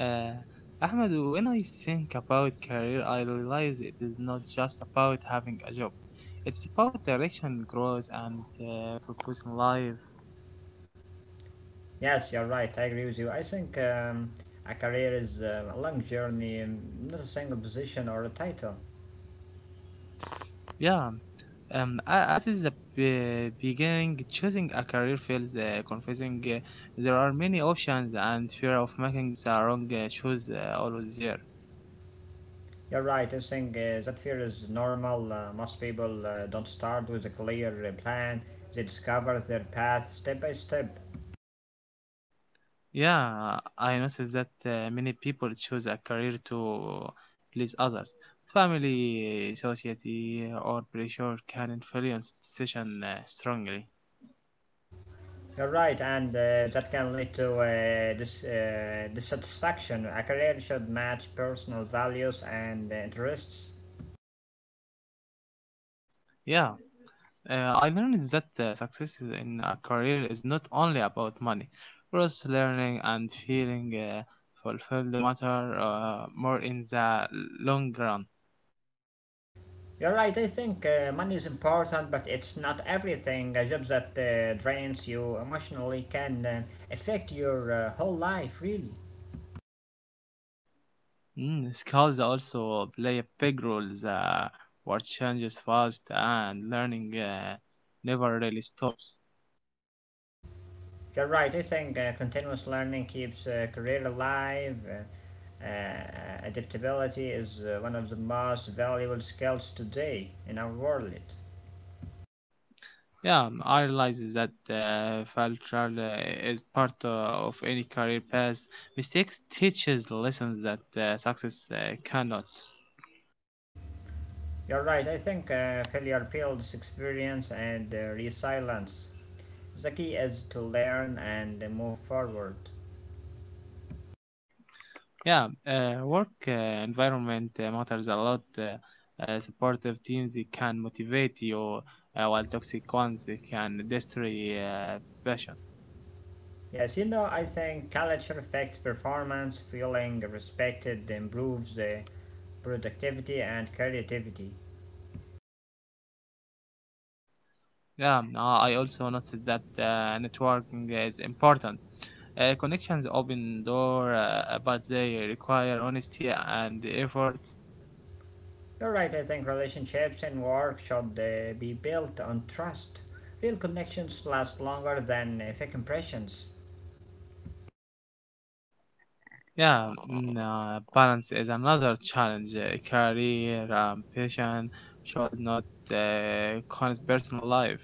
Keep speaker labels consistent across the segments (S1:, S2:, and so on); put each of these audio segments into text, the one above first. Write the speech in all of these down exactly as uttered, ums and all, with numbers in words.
S1: Uh, Ahmed, when I think about career, I realize it is not just about having a job. It's about direction, growth, and uh, purpose in life.
S2: Yes, you're right. I agree with you. I think um, a career is uh, a long journey, um, not a single position or a title.
S1: Yeah. Um, a- at the be- beginning, choosing a career feels uh, confusing. Uh, there are many options, and fear of making the wrong uh, choice uh, always there.
S2: You're right. I think uh, that fear is normal. Uh, most people uh, don't start with a clear uh, plan. They discover their path step by step.
S1: Yeah, I noticed that uh, many people choose a career to please others. Family, society, or pressure can influence decision uh, strongly.
S2: You're right, and uh, that can lead to uh, dis- uh, dissatisfaction. A career should match personal values and interests.
S1: Yeah, uh, I learned that uh, success in a career is not only about money. Growth, learning, and feeling uh, fulfilled matter uh, more in the long run.
S2: You're right. I think uh, money is important, but it's not everything. A job that uh, drains you emotionally can uh, affect your uh, whole life, really.
S1: Mm, schools also play a big role. The world changes fast, and learning uh, never really stops.
S2: You're right. I think uh, continuous learning keeps uh, career alive. Uh, uh, adaptability is uh, one of the most valuable skills today in our world.
S1: Yeah, um, I realize that uh, failure uh, is part uh, of any career path. Mistakes teaches lessons that uh, success uh, cannot.
S2: You're right. I think uh, failure builds experience and uh, resilience. The key is to learn and move forward.
S1: Yeah, uh, work uh, environment uh, matters a lot. Uh, uh, supportive teams they can motivate you, uh, while toxic ones they can destroy uh, passion.
S2: Yes, you know, I think culture affects performance, feeling respected improves the productivity and creativity.
S1: Yeah, no. I also noticed that uh, networking is important. Uh, connections open door, uh, but they require honesty and effort.
S2: You're right, I think relationships and work should uh, be built on trust. Real connections last longer than uh, fake impressions.
S1: Yeah, mm, uh, balance is another challenge. Uh, career ambition should not uh, cause personal life.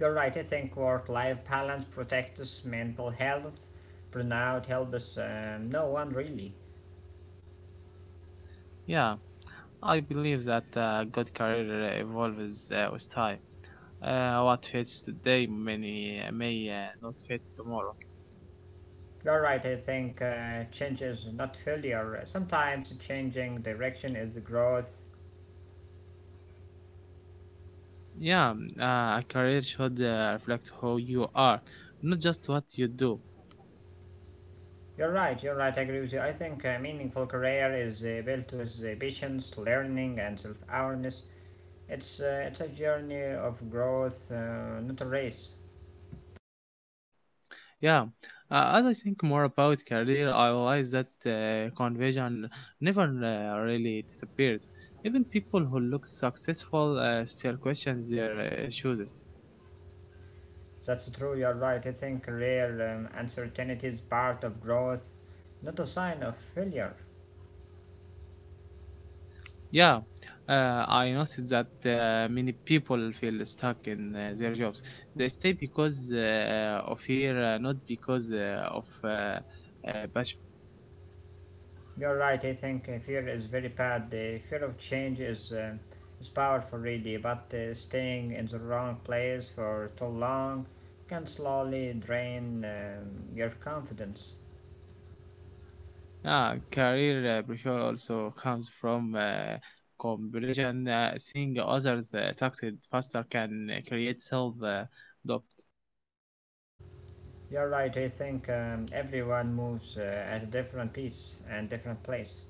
S2: You're right, I think work life balance protects mental health. Burnout helps um, no one really.
S1: Yeah, I believe that uh, good career evolves uh, with time. Uh, what fits today many may uh, not fit tomorrow.
S2: You're right, I think uh, change is not failure. Sometimes changing direction is growth.
S1: Yeah, mm, uh, a career should uh, reflect who you are, not just what you do.
S2: You're right, you're right, I agree with you. I think a meaningful career is uh, built with uh, patience, learning, and self awareness. It's, uh, it's a journey of growth, uh, not a race.
S1: Yeah, uh, as I think more about career, I realize that uh, conversion never uh, really disappears. Even people who look successful uh, still question their uh, choices.
S2: That's true, you're right. I think career um, uncertainty is part of growth, not a sign of failure.
S1: Yeah, uh, I noticed that uh, many people feel stuck in uh, their jobs. They stay because uh, of fear, uh, not because uh, of uh, uh, passion.
S2: You're right, I think uh, fear is very bad. The fear of change is, um is powerful, really, but uh, staying in the wrong place for too long can slowly drain um, your confidence.
S1: Yeah, career uh, pressure also comes from uh, comparison. Uh, seeing others uh, succeed faster can uh, create self uh, doubt.
S2: You're right. I think um, everyone moves uh, at a different pace and different place.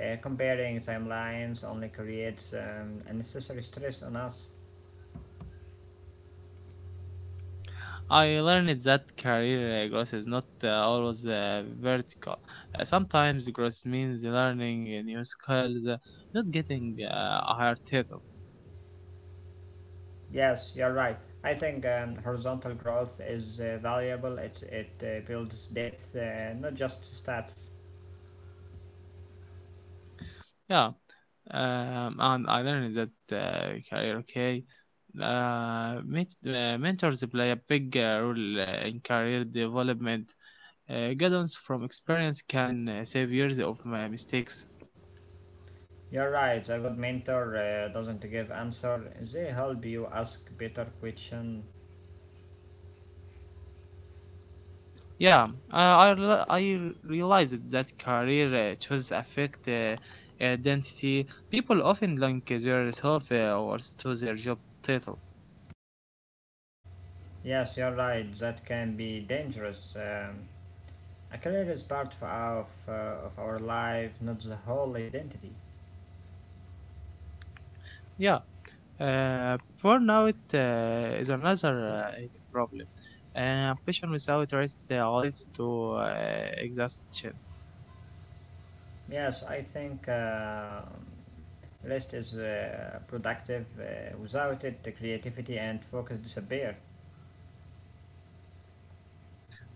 S2: Uh, comparing timelines only creates um, unnecessary stress on us.
S1: I learned that career uh, growth is not uh, always uh, vertical. Uh, sometimes growth means learning uh, new skills, uh, not getting uh, a higher title.
S2: Yes, you're right. I think um, horizontal growth is uh, valuable. It's, it uh, builds depth, uh, not just stats.
S1: Yeah, um, and I learned that uh, career okay. Uh, ment- uh, mentors play a big uh, role uh, in career development. Uh, guidance from experience can uh, save years of my mistakes.
S2: You're right. A good mentor uh, doesn't give answer. They help you ask better question.
S1: Yeah, I, I, rela- I realized that career uh, choices affect uh, identity. People often link uh, their self uh, worth to their job title.
S2: Yes, you're right. That can be dangerous. Um, A career is part of, of, uh, of our life, not the whole identity.
S1: Yeah, uh, burnout uh, is another uh, problem. Uh, ambition without rest uh, leads to uh, exhaustion.
S2: Yes, I think uh, rest is uh, productive. Uh, without it, the creativity and focus disappear.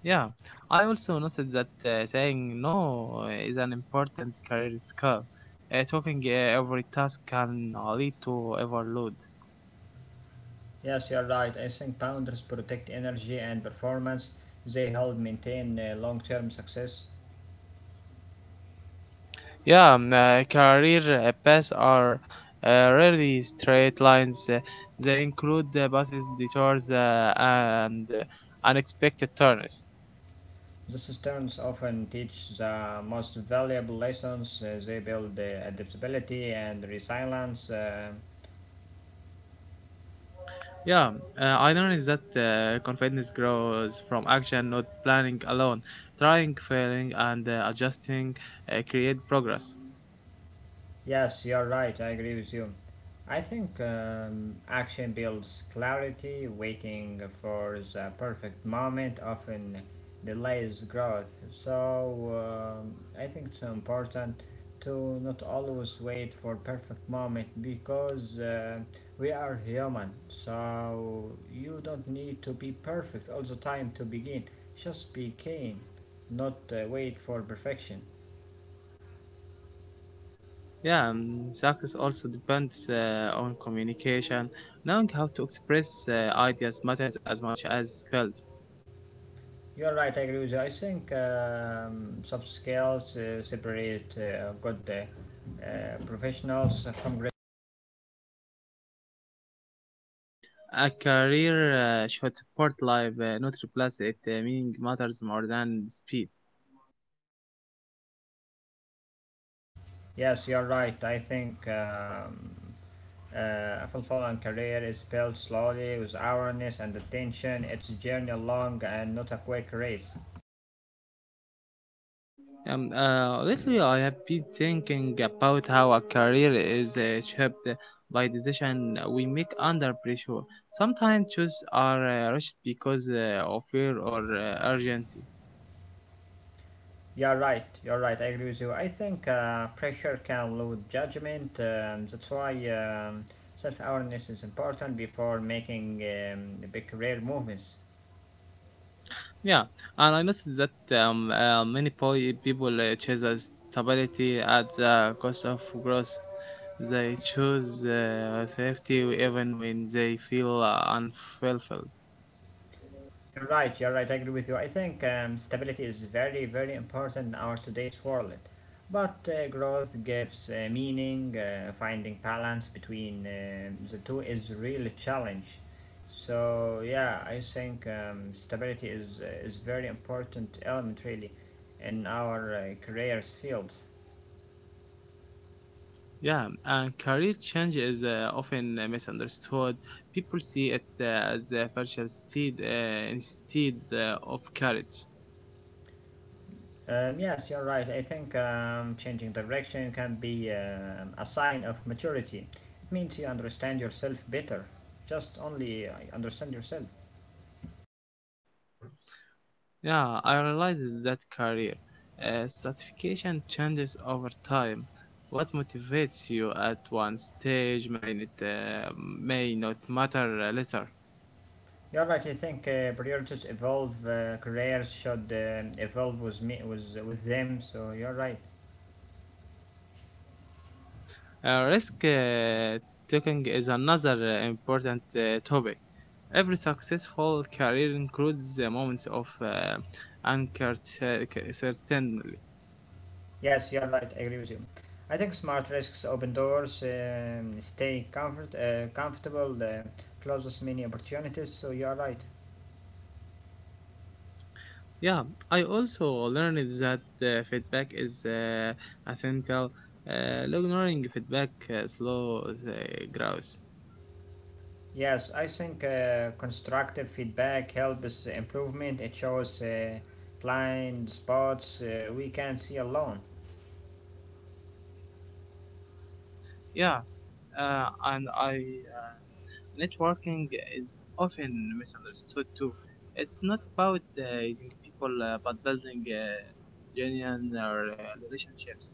S1: Yeah, I also noticed that uh, saying no is an important career skill. Uh, talking uh, every task can lead to overload.
S2: Yes, you're right. I think boundaries protect energy and performance. They help maintain uh, long-term success.
S1: Yeah, um, uh, career uh, paths are uh, rarely straight lines. Uh, they include uh, buses, detours, uh, and uh, unexpected turns.
S2: The students often teach the most valuable lessons. Uh, they build uh, adaptability and resilience. Uh,
S1: Yeah, uh, I noticed that uh, confidence grows from action, not planning alone. Trying, failing, and uh, adjusting uh, create progress.
S2: yes, you're right. I agree with you. I think um, action builds clarity, waiting for the perfect moment often delays growth. So um, I think it's important to not always wait for perfect moment because uh, we are human. So you don't need to be perfect all the time to begin. Just begin, not uh, wait for perfection.
S1: Yeah, um, success also depends uh, on communication. Knowing how to express uh, ideas matters as much as skills.
S2: You're right, I agree with you. I think um, soft skills uh, separate uh, good uh, uh, professionals from great.
S1: A career uh, should support life, uh, not replace it. Uh, meaning matters more than speed.
S2: Yes, you're right. I think um, uh, a fulfilling career is built slowly with awareness and attention. It's a journey long and not a quick race.
S1: Um, uh, lately, I have been thinking about how a career is uh, shaped by decision we make under pressure. Sometimes choices are uh, rushed because uh, of fear or uh, urgency.
S2: You're right, you're right. I agree with you. I think uh, pressure can load judgment. Um, that's why um, self awareness is important before making um, big career movements.
S1: Hmm. Yeah, and I noticed that um, uh, many po- people uh, choose as stability at the cost of growth. They choose uh, safety even when they feel uh, unfulfilled.
S2: You're right, you're right, I agree with you. I think um, stability is very, very important in our today's world. But uh, growth gives uh, meaning, uh, finding balance between uh, the two is really challenge. So yeah, I think um, stability is uh, is very important element really in our uh, careers field.
S1: Yeah, and career change is uh, often uh, misunderstood. People see it uh, as a virtual steed uh, instead uh, of courage.
S2: Um, yes, you're right. I think um, changing direction can be um a sign of maturity. It means you understand yourself better. Just only uh, understand yourself.
S1: Yeah, I realized that career uh, stratification changes over time. What motivates you at one stage may it uh, may not matter uh, later.
S2: You're right. I think uh, priorities evolve. Uh, careers should um evolve with me, with with them. So you're right.
S1: Uh, risk uh, taking is another uh, important uh, topic. Every successful career includes uh, moments of uh, uncertainty.
S2: Yes, you're right. I agree with you. I think smart risks open doors. Um, stay comfort uh, comfortable. Uh, closes many opportunities. So you're right.
S1: Yeah, I also learned that uh, feedback is uh, essential. Uh, ignoring feedback uh, slows uh, growth.
S2: Yes, I think uh, constructive feedback helps improvement. It shows uh, blind spots uh, we can't see alone.
S1: Yeah, uh, and I uh, networking is often misunderstood too. It's not about uh, using people, uh, but building uh, genuine uh, relationships.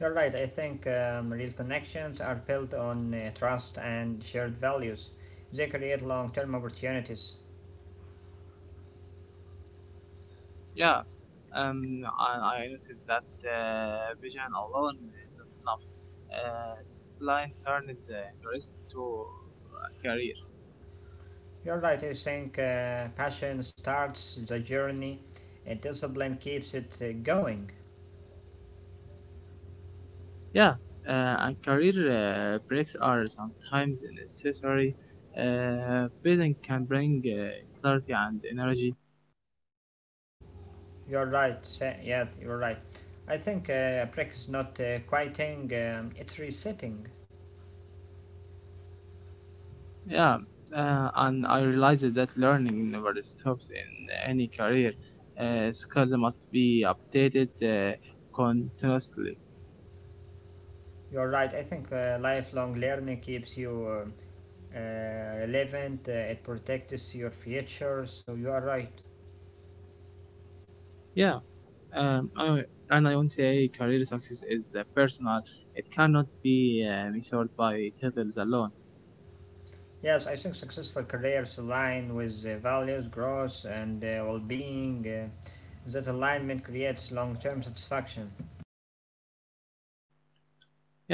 S2: You're right, I think um, real connections are built on uh, trust and shared values. They create long term opportunities.
S1: Yeah, um, I, I noticed that uh, vision alone is not enough. Uh, Line turns uh, interest into a career.
S2: You're right, I think uh, passion starts the journey, and discipline keeps it uh, going.
S1: Yeah, uh, and career uh, breaks are sometimes necessary. Uh, vision can bring uh, clarity and energy.
S2: You're right, sa- yes, you're right. I think uh, practice not uh, quieting, um, it's resetting.
S1: Yeah, uh, and I realized that learning never stops in any career. Uh, skills must be updated uh, continuously.
S2: You're right. I think uh, lifelong learning keeps you um, uh, relevant. Uh, it protects your future. So you are right.
S1: Yeah. Um, I, and I want to say career success is uh, personal. It cannot be uh, measured by titles alone.
S2: Yes, I think successful careers align with uh, values, growth, and uh, well-being. Uh, that alignment creates long-term satisfaction.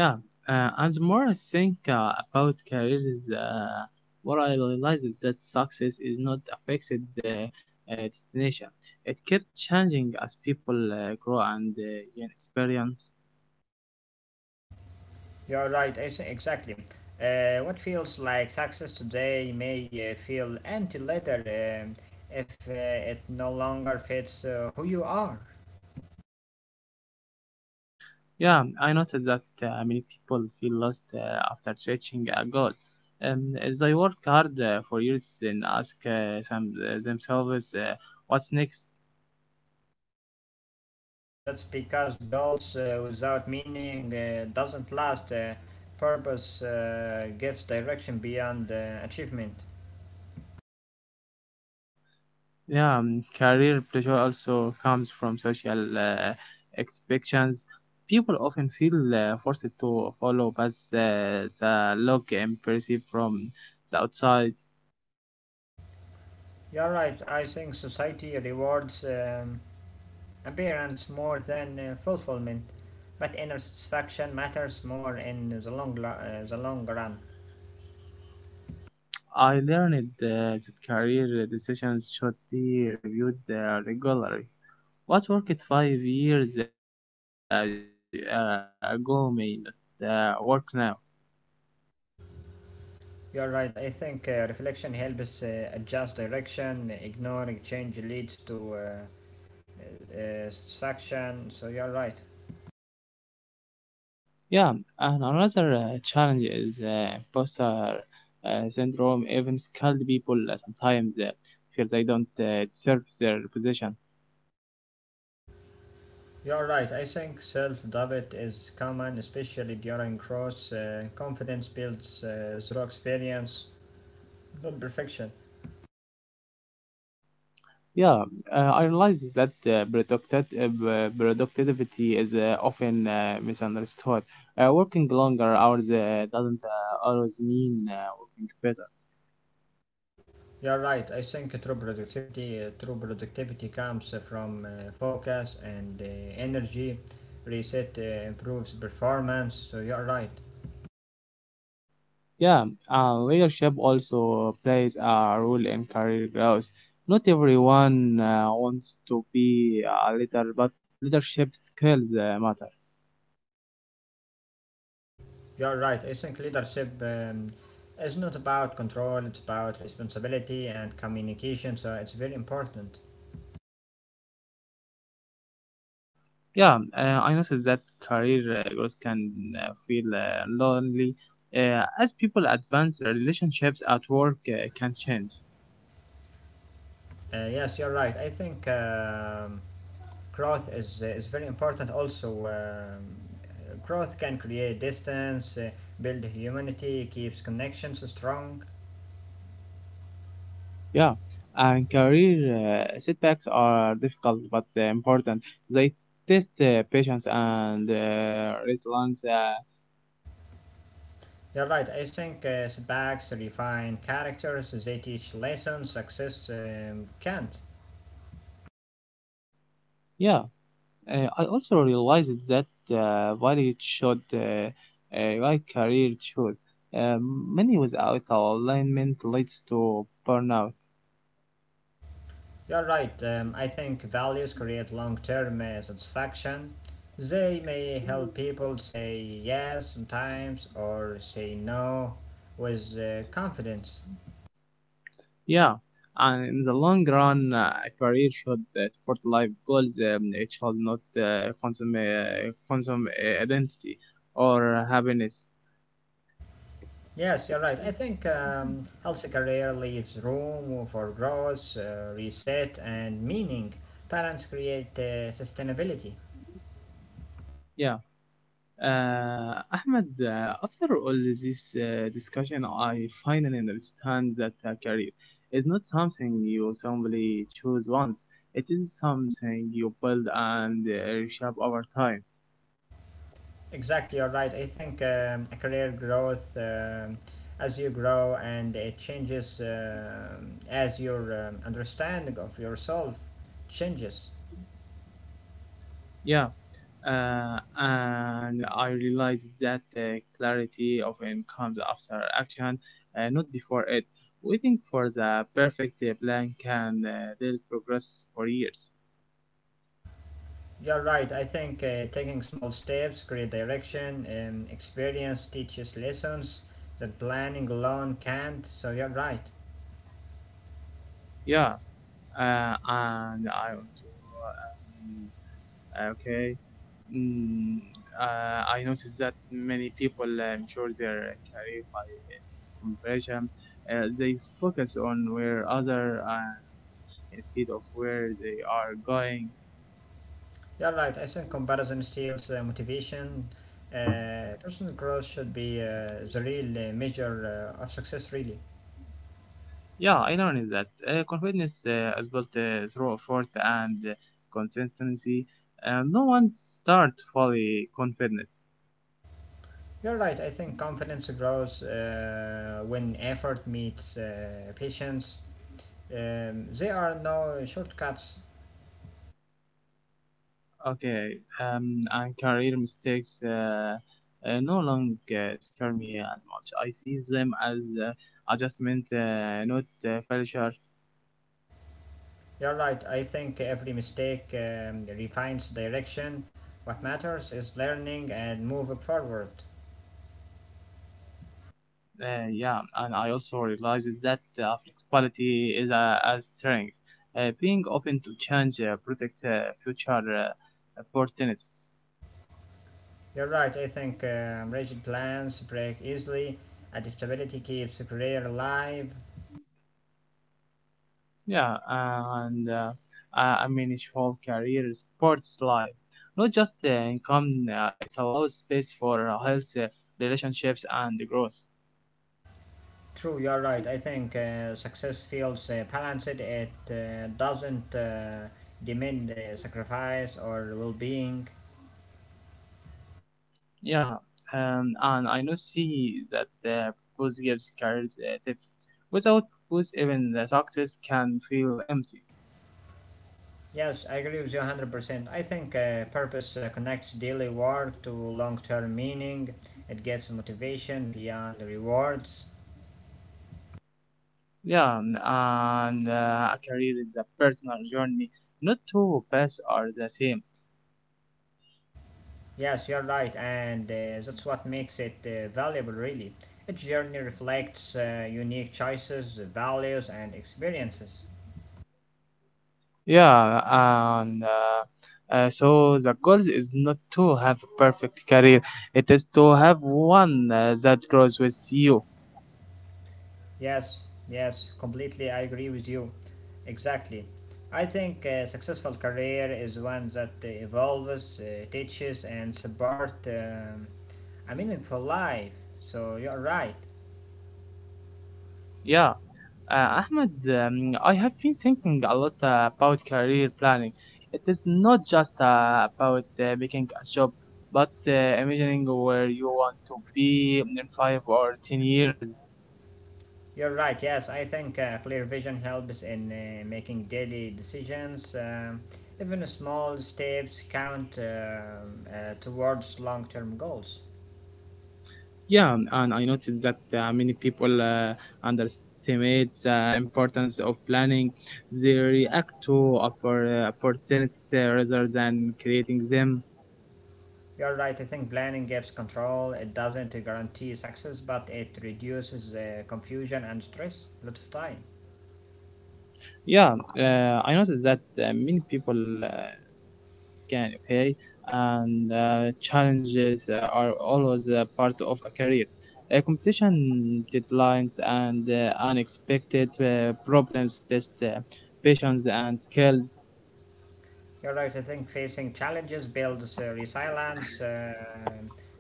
S1: Yeah, uh, and the more I think uh, about careers, uh, what I realize is that success is not affected the uh, uh, destination. It keeps changing as people uh, grow and uh, gain experience.
S2: You are right. I think exactly. Uh, what feels like success today may uh, feel empty later um if uh, it no longer fits uh, who you are.
S1: Yeah, I noticed that uh, many people feel lost uh, after reaching a goal. Um, they work hard uh, for years and ask uh, some, uh, themselves uh, what's next.
S2: You're right, that's because goals uh, without meaning uh, doesn't last. Uh, purpose uh, gives direction beyond uh, achievement.
S1: Yeah, um, career pressure also comes from social uh, expectations. People often feel uh, forced to follow paths uh, that look impressive from the outside.
S2: You're right, I think society rewards um, appearance more than uh, fulfillment, but inner satisfaction matters more in the long, lo- uh, the long run.
S1: I learned uh, that career decisions should be reviewed uh, regularly. What worked five years uh, uh, ago may not uh, work now.
S2: You're right, I think uh, reflection helps uh, adjust direction, ignoring change leads to uh, uh, satisfaction, so you're right.
S1: Yeah, and another uh, challenge is uh, imposter uh, syndrome. Even skilled people uh, sometimes uh, feel they don't uh, deserve their position.
S2: You're right. I think self doubt is common, especially during growth. Uh, confidence builds uh, through experience, not perfection.
S1: Yeah, uh, I realize that uh, producti- uh, b- productivity is uh, often uh, misunderstood. Uh, working longer hours uh, doesn't uh, always mean uh, working better.
S2: You're right. I think true productivity, uh, true productivity comes uh, from uh, focus and uh, energy. Reset uh, improves performance. So you're right.
S1: Yeah, uh, leadership also plays a role in career growth. Not everyone uh, wants to be a leader, but leadership skills uh, matter.
S2: You're right. I think leadership um, is not about control. It's about responsibility and communication. So it's very important.
S1: Yeah, uh, I noticed that career uh, growth can uh, feel uh, lonely uh, as people advance. Relationships at work uh, can change.
S2: Uh, yes, you're right. I think. Um, growth is uh, is very important. Also, um, growth can create distance, uh, build humanity, keeps connections strong.
S1: Yeah, and career uh, setbacks are difficult but uh, important. They test uh, patience and uh, resilience. Uh,
S2: You're right. I think uh, setbacks refine characters. They teach lessons. Success um, can't.
S1: yeah. Uh, I also realized that uh, while it should uh, uh, like career choice, um, many without alignment leads to burnout.
S2: You're right. Um, I think values create long-term uh, satisfaction. They may help people say yes sometimes or say no with uh, confidence.
S1: Yeah, and in the long run, uh, a career should uh, support life goals. Um, it should not uh, consume uh, consume uh, identity or happiness.
S2: Yes, you're right. I think um, healthy career leaves room for growth, uh, reset, and meaning. Parents create uh, sustainability.
S1: Yeah. Uh, Ahmed, uh, after all this uh, discussion, I finally understand that a career is not something you simply choose once. It is something you build and uh, reshape over time.
S2: Exactly, you're right. I think um, a career growth um as you grow and it changes um as your um, understanding of yourself changes.
S1: Yeah, uh, and I realized that the clarity often comes after action, uh, not before it. Waiting for the perfect uh, plan can uh, delay progress for years.
S2: You're right. I think uh, taking small steps, create direction, um, experience teaches lessons that planning alone can't. So you're right.
S1: Yeah, uh, and I want to um, okay. Mm, uh, I noticed that many people uh, ensure their career by comparison. Uh, they focus on where other uh, instead of where they are going.
S2: You're right. I think comparison steals uh, motivation. Uh, personal growth should be uh, the real uh, measure uh, of success, really.
S1: Yeah, I learned that uh, confidence uh, is built uh, through effort and uh, consistency. Uh, no one start fully confident.
S2: You're right. I think confidence grows uh, when effort meets uh, patience. Um, there are no shortcuts.
S1: Okay, um, and career mistakes uh, uh, no longer scare me as much. I see them as uh, adjustment, uh, not uh, failure.
S2: You're right. I think every mistake um, refines direction. What matters is learning and moving forward.
S1: Uh, yeah, and I also realized that uh, flexibility is a, a strength. Uh, being open to change uh, protect uh, future uh, opportunities.
S2: You're right. I think um, rigid plans break easily. Adaptability keeps the career alive.
S1: Yeah, and uh, I I mean, his whole career is sports life, not just uh, income. Uh, it allows space for uh, health, uh, relationships, and growth.
S2: True, you're right. I think uh, success feels uh, balanced. It uh, doesn't uh, demand uh, sacrifice or well being.
S1: Yeah, um, and I know see that uh, Bose gives career uh, tips. Without Bose, even the success can feel empty.
S2: Yes, I agree with you one hundred percent. I think uh, purpose uh, connects daily work to long term meaning, it gives motivation beyond the rewards.
S1: Yeah, um, and uh, a career is a personal journey. Not two paths are the same.
S2: Yes, you're right, and uh, that's what makes it uh, valuable, really. Each journey reflects uh, unique choices, values, and experiences.
S1: Yeah, and uh, uh, so the goal is not to have a perfect career. It is to have one uh, that grows with you.
S2: Yes, yes, completely. I agree with you. Exactly. I think a successful career is one that uh, evolves, uh, teaches, and supports um, a meaningful life. So you're right.
S1: Yeah. Uh, Ahmed, um, I have been thinking a lot uh, about career planning. It is not just uh, about uh, making a job, but uh, imagining where you want to be in five or ten years.
S2: You're right. Yes, I think uh, clear vision helps in uh, making daily decisions. Um, even small steps count um, uh, towards long-term goals.
S1: Yeah, and I noticed that uh, many people uh, underestimate the importance of planning. They react to oppor- uh, opportunities uh, rather than creating them.
S2: You're right, I think planning gives control. It doesn't guarantee success, but it reduces uh, confusion and stress a lot of time.
S1: Yeah, uh, I noticed that uh, many people uh, can, okay, and uh, challenges uh, are always uh, part of a career. Uh, competition deadlines and uh, unexpected uh, problems test uh, patience and skills.
S2: You're right, I think facing challenges builds uh, resilience. Uh,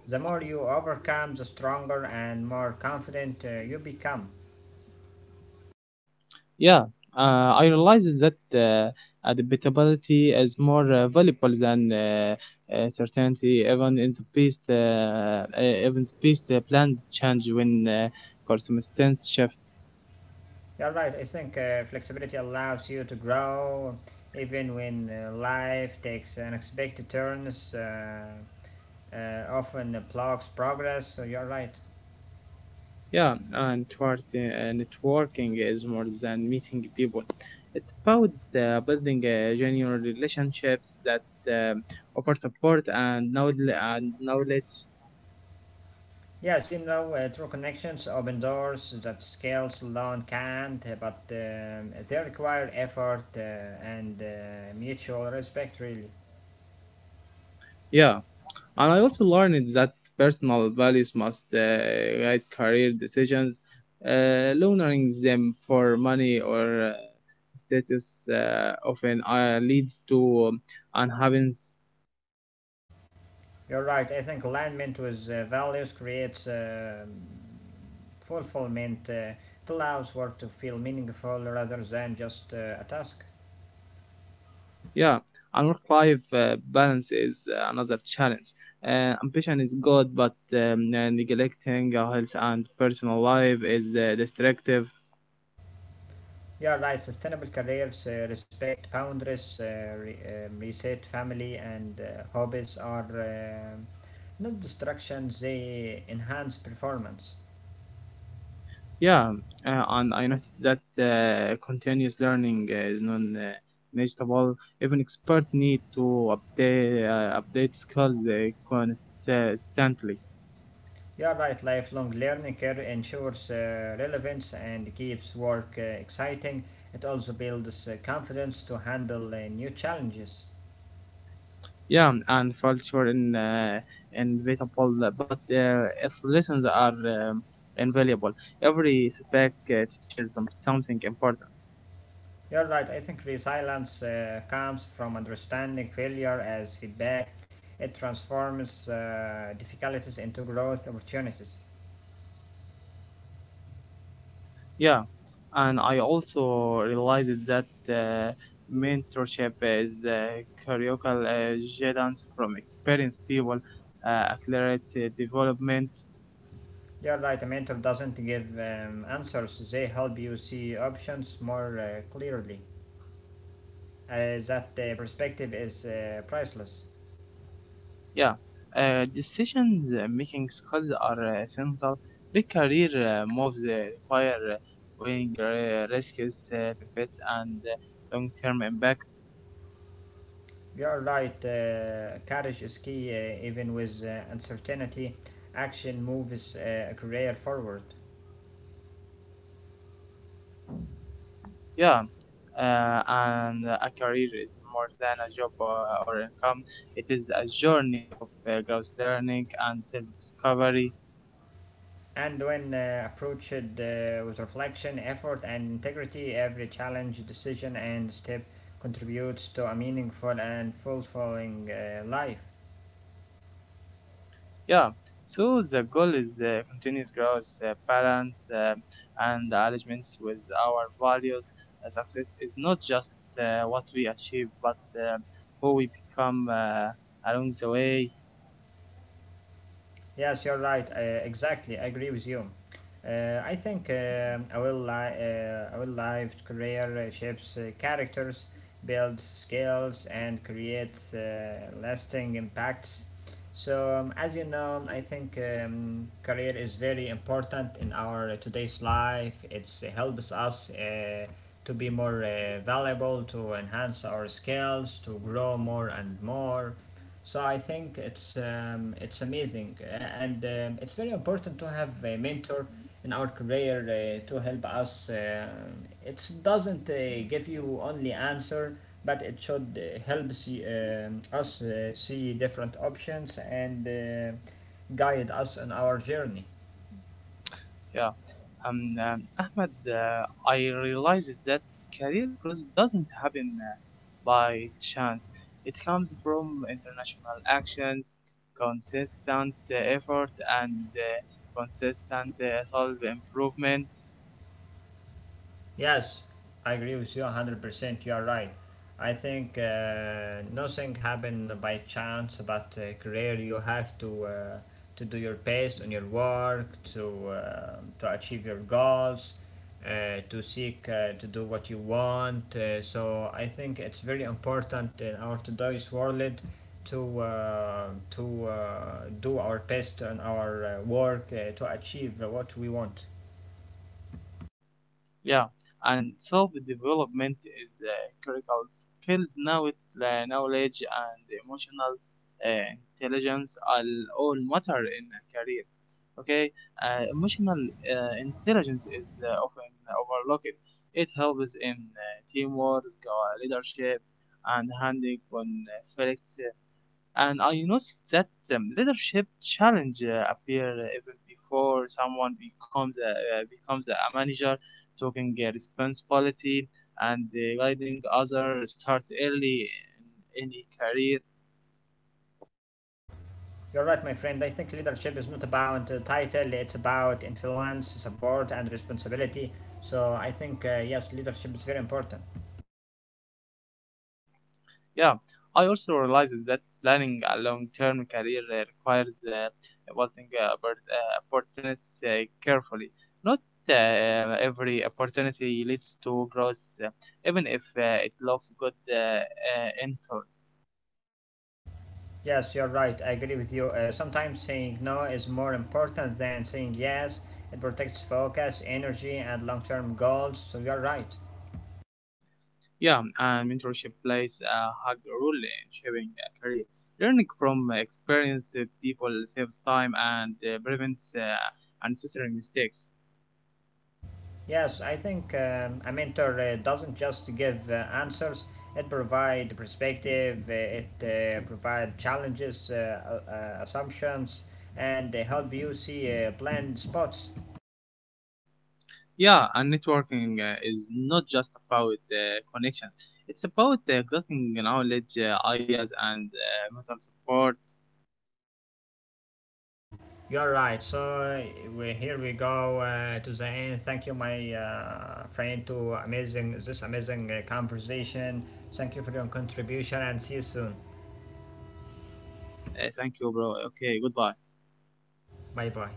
S2: The more you overcome, the stronger and more confident uh, you become.
S1: Yeah, uh, I realize that uh, adaptability is more uh, valuable than uh, uh, certainty. Even in the best, uh, uh, even the best uh, plans change when uh, circumstances shift.
S2: You're right, I think uh, flexibility allows you to grow even when uh, life takes unexpected turns, uh, uh, often blocks progress, so you're right.
S1: Yeah, and networking, uh, networking is more than meeting people. It's about uh, building uh, genuine relationships that um offer support and knowledge. And knowledge.
S2: Yes, you know, uh, true connections open doors that skills alone can't, uh, but um, they require effort uh, and uh, mutual respect, really.
S1: Yeah. And I also learned that personal values must uh, guide career decisions. Uh, learning them for money or uh, status uh, often uh, leads to um, unhappiness.
S2: You're right, I think alignment with uh, values creates um fulfillment, uh, it allows work to feel meaningful rather than just uh, a task.
S1: Yeah, and work life uh, balance is uh, another challenge. Uh, ambition is good, but um, uh, neglecting our health and personal life is uh, destructive.
S2: Yeah, right. Sustainable careers uh, respect boundaries, uh, re- um, reset family, and uh, hobbies are um not distractions, they enhance performance.
S1: Yeah, uh, and I noticed that uh, continuous learning uh, is non-negotiable. Even experts need to update uh, update skills uh, constantly.
S2: Yeah, right. Lifelong learning care ensures uh, relevance and keeps work uh, exciting. It also builds uh, confidence to handle uh, new challenges.
S1: Yeah, and culture in uh, inevitable, but uh, its lessons are um, invaluable. Every setback uh, teaches some- something important.
S2: You're right. I think resilience uh, comes from understanding failure as feedback. It transforms uh, difficulties into growth opportunities.
S1: Yeah, and I also realized that uh, mentorship is uh, critical. Uh, guidance from experienced people, uh, accelerates uh, development.
S2: You're right, a mentor doesn't give um, answers, they help you see options more uh, clearly. Uh, that uh, perspective is uh, priceless.
S1: Yeah, uh, decisions uh, making skills are uh, essential. Big career uh, moves uh, require uh, weighing uh, risks, uh, benefits, and uh, long-term impact.
S2: You're right, uh, courage is key, uh, even with uh, uncertainty, action moves uh, a career forward.
S1: Yeah, uh, and a career is more than a job uh, or income. It is a journey of uh, growth, learning, and self-discovery.
S2: And when uh, approached uh, with reflection, effort, and integrity, every challenge, decision, and step contributes to a meaningful and fulfilling uh, life.
S1: Yeah. So the goal is uh, continuous growth, uh, balance, uh, and alignments with our values. Uh, success is not just uh, what we achieve, but uh, who we become uh, along the way.
S2: Yes, you're right. Uh, exactly, I agree with you. Uh, I think um, a well li- uh, a well lived career uh, shapes uh, characters, builds skills, and creates uh, lasting impacts. So, um, as you know, I think um, career is very important in our today's life. It's uh, helps us uh, to be more uh, valuable, to enhance our skills, to grow more and more. So I think it's um, it's amazing, uh, and um, it's very important to have a mentor in our career uh, to help us. Um it doesn't uh, give you only answer, but it should uh, help see, um, us uh, see different options and uh, guide us on our journey.
S1: Yeah. Um, um, Ahmed, uh, I realized that career growth doesn't happen uh, by chance. It comes from international actions, consistent uh, effort, and uh, consistent uh, self improvement.
S2: Yes, I agree with you one hundred percent. You are right. I think uh, nothing happened by chance, but uh, career you have to uh, to do your best on your work, to uh, to achieve your goals, uh, to seek uh, to do what you want. Uh, so I think it's very important in our today's world to uh, to uh, do our best on our uh, work uh, to achieve what we want.
S1: Yeah, and self development is uh, critical skills now with uh, knowledge and emotional uh, intelligence are all matter in a career. Okay. Uh, emotional uh, intelligence is uh, often overlooked. It helps in uh, teamwork, uh, leadership, and handling conflicts. And I noticed that the leadership challenge uh, appear even before someone becomes a, uh, becomes a manager, taking uh, responsibility and uh, guiding others start early in any career.
S2: You're right, my friend. I think leadership is not about a title, it's about influence, support, and responsibility. So I think, uh, yes, leadership is very important.
S1: Yeah, I also realized that planning a long-term career uh, requires uh, evaluating uh, oppor- uh, opportunities uh, carefully. Not uh, every opportunity leads to growth, uh, even if uh, it looks good. uh, uh,
S2: Yes, you're right. I agree with you. Uh, sometimes saying no is more important than saying yes. It protects focus, energy, and long term goals. So you're right.
S1: Yeah, and mentorship plays a hard role in shaping a career. Learning from experienced people saves time and uh, prevents uh, unnecessary mistakes.
S2: Yes, I think um, a mentor uh, doesn't just give uh, answers. It provides perspective. uh, It uh, provides challenges, uh, uh, uh, assumptions, and they help you see uh, blind spots.
S1: Yeah, and networking uh, is not just about uh, connections. It's about uh, getting knowledge, uh, ideas, and uh, mental support.
S2: You're right. So uh, we here we go uh, to the end. Thank you, my uh, friend, to amazing this amazing uh, conversation. Thank you for your contribution, and see you soon.
S1: Uh, thank you, bro. Okay, goodbye.
S2: Bye bye.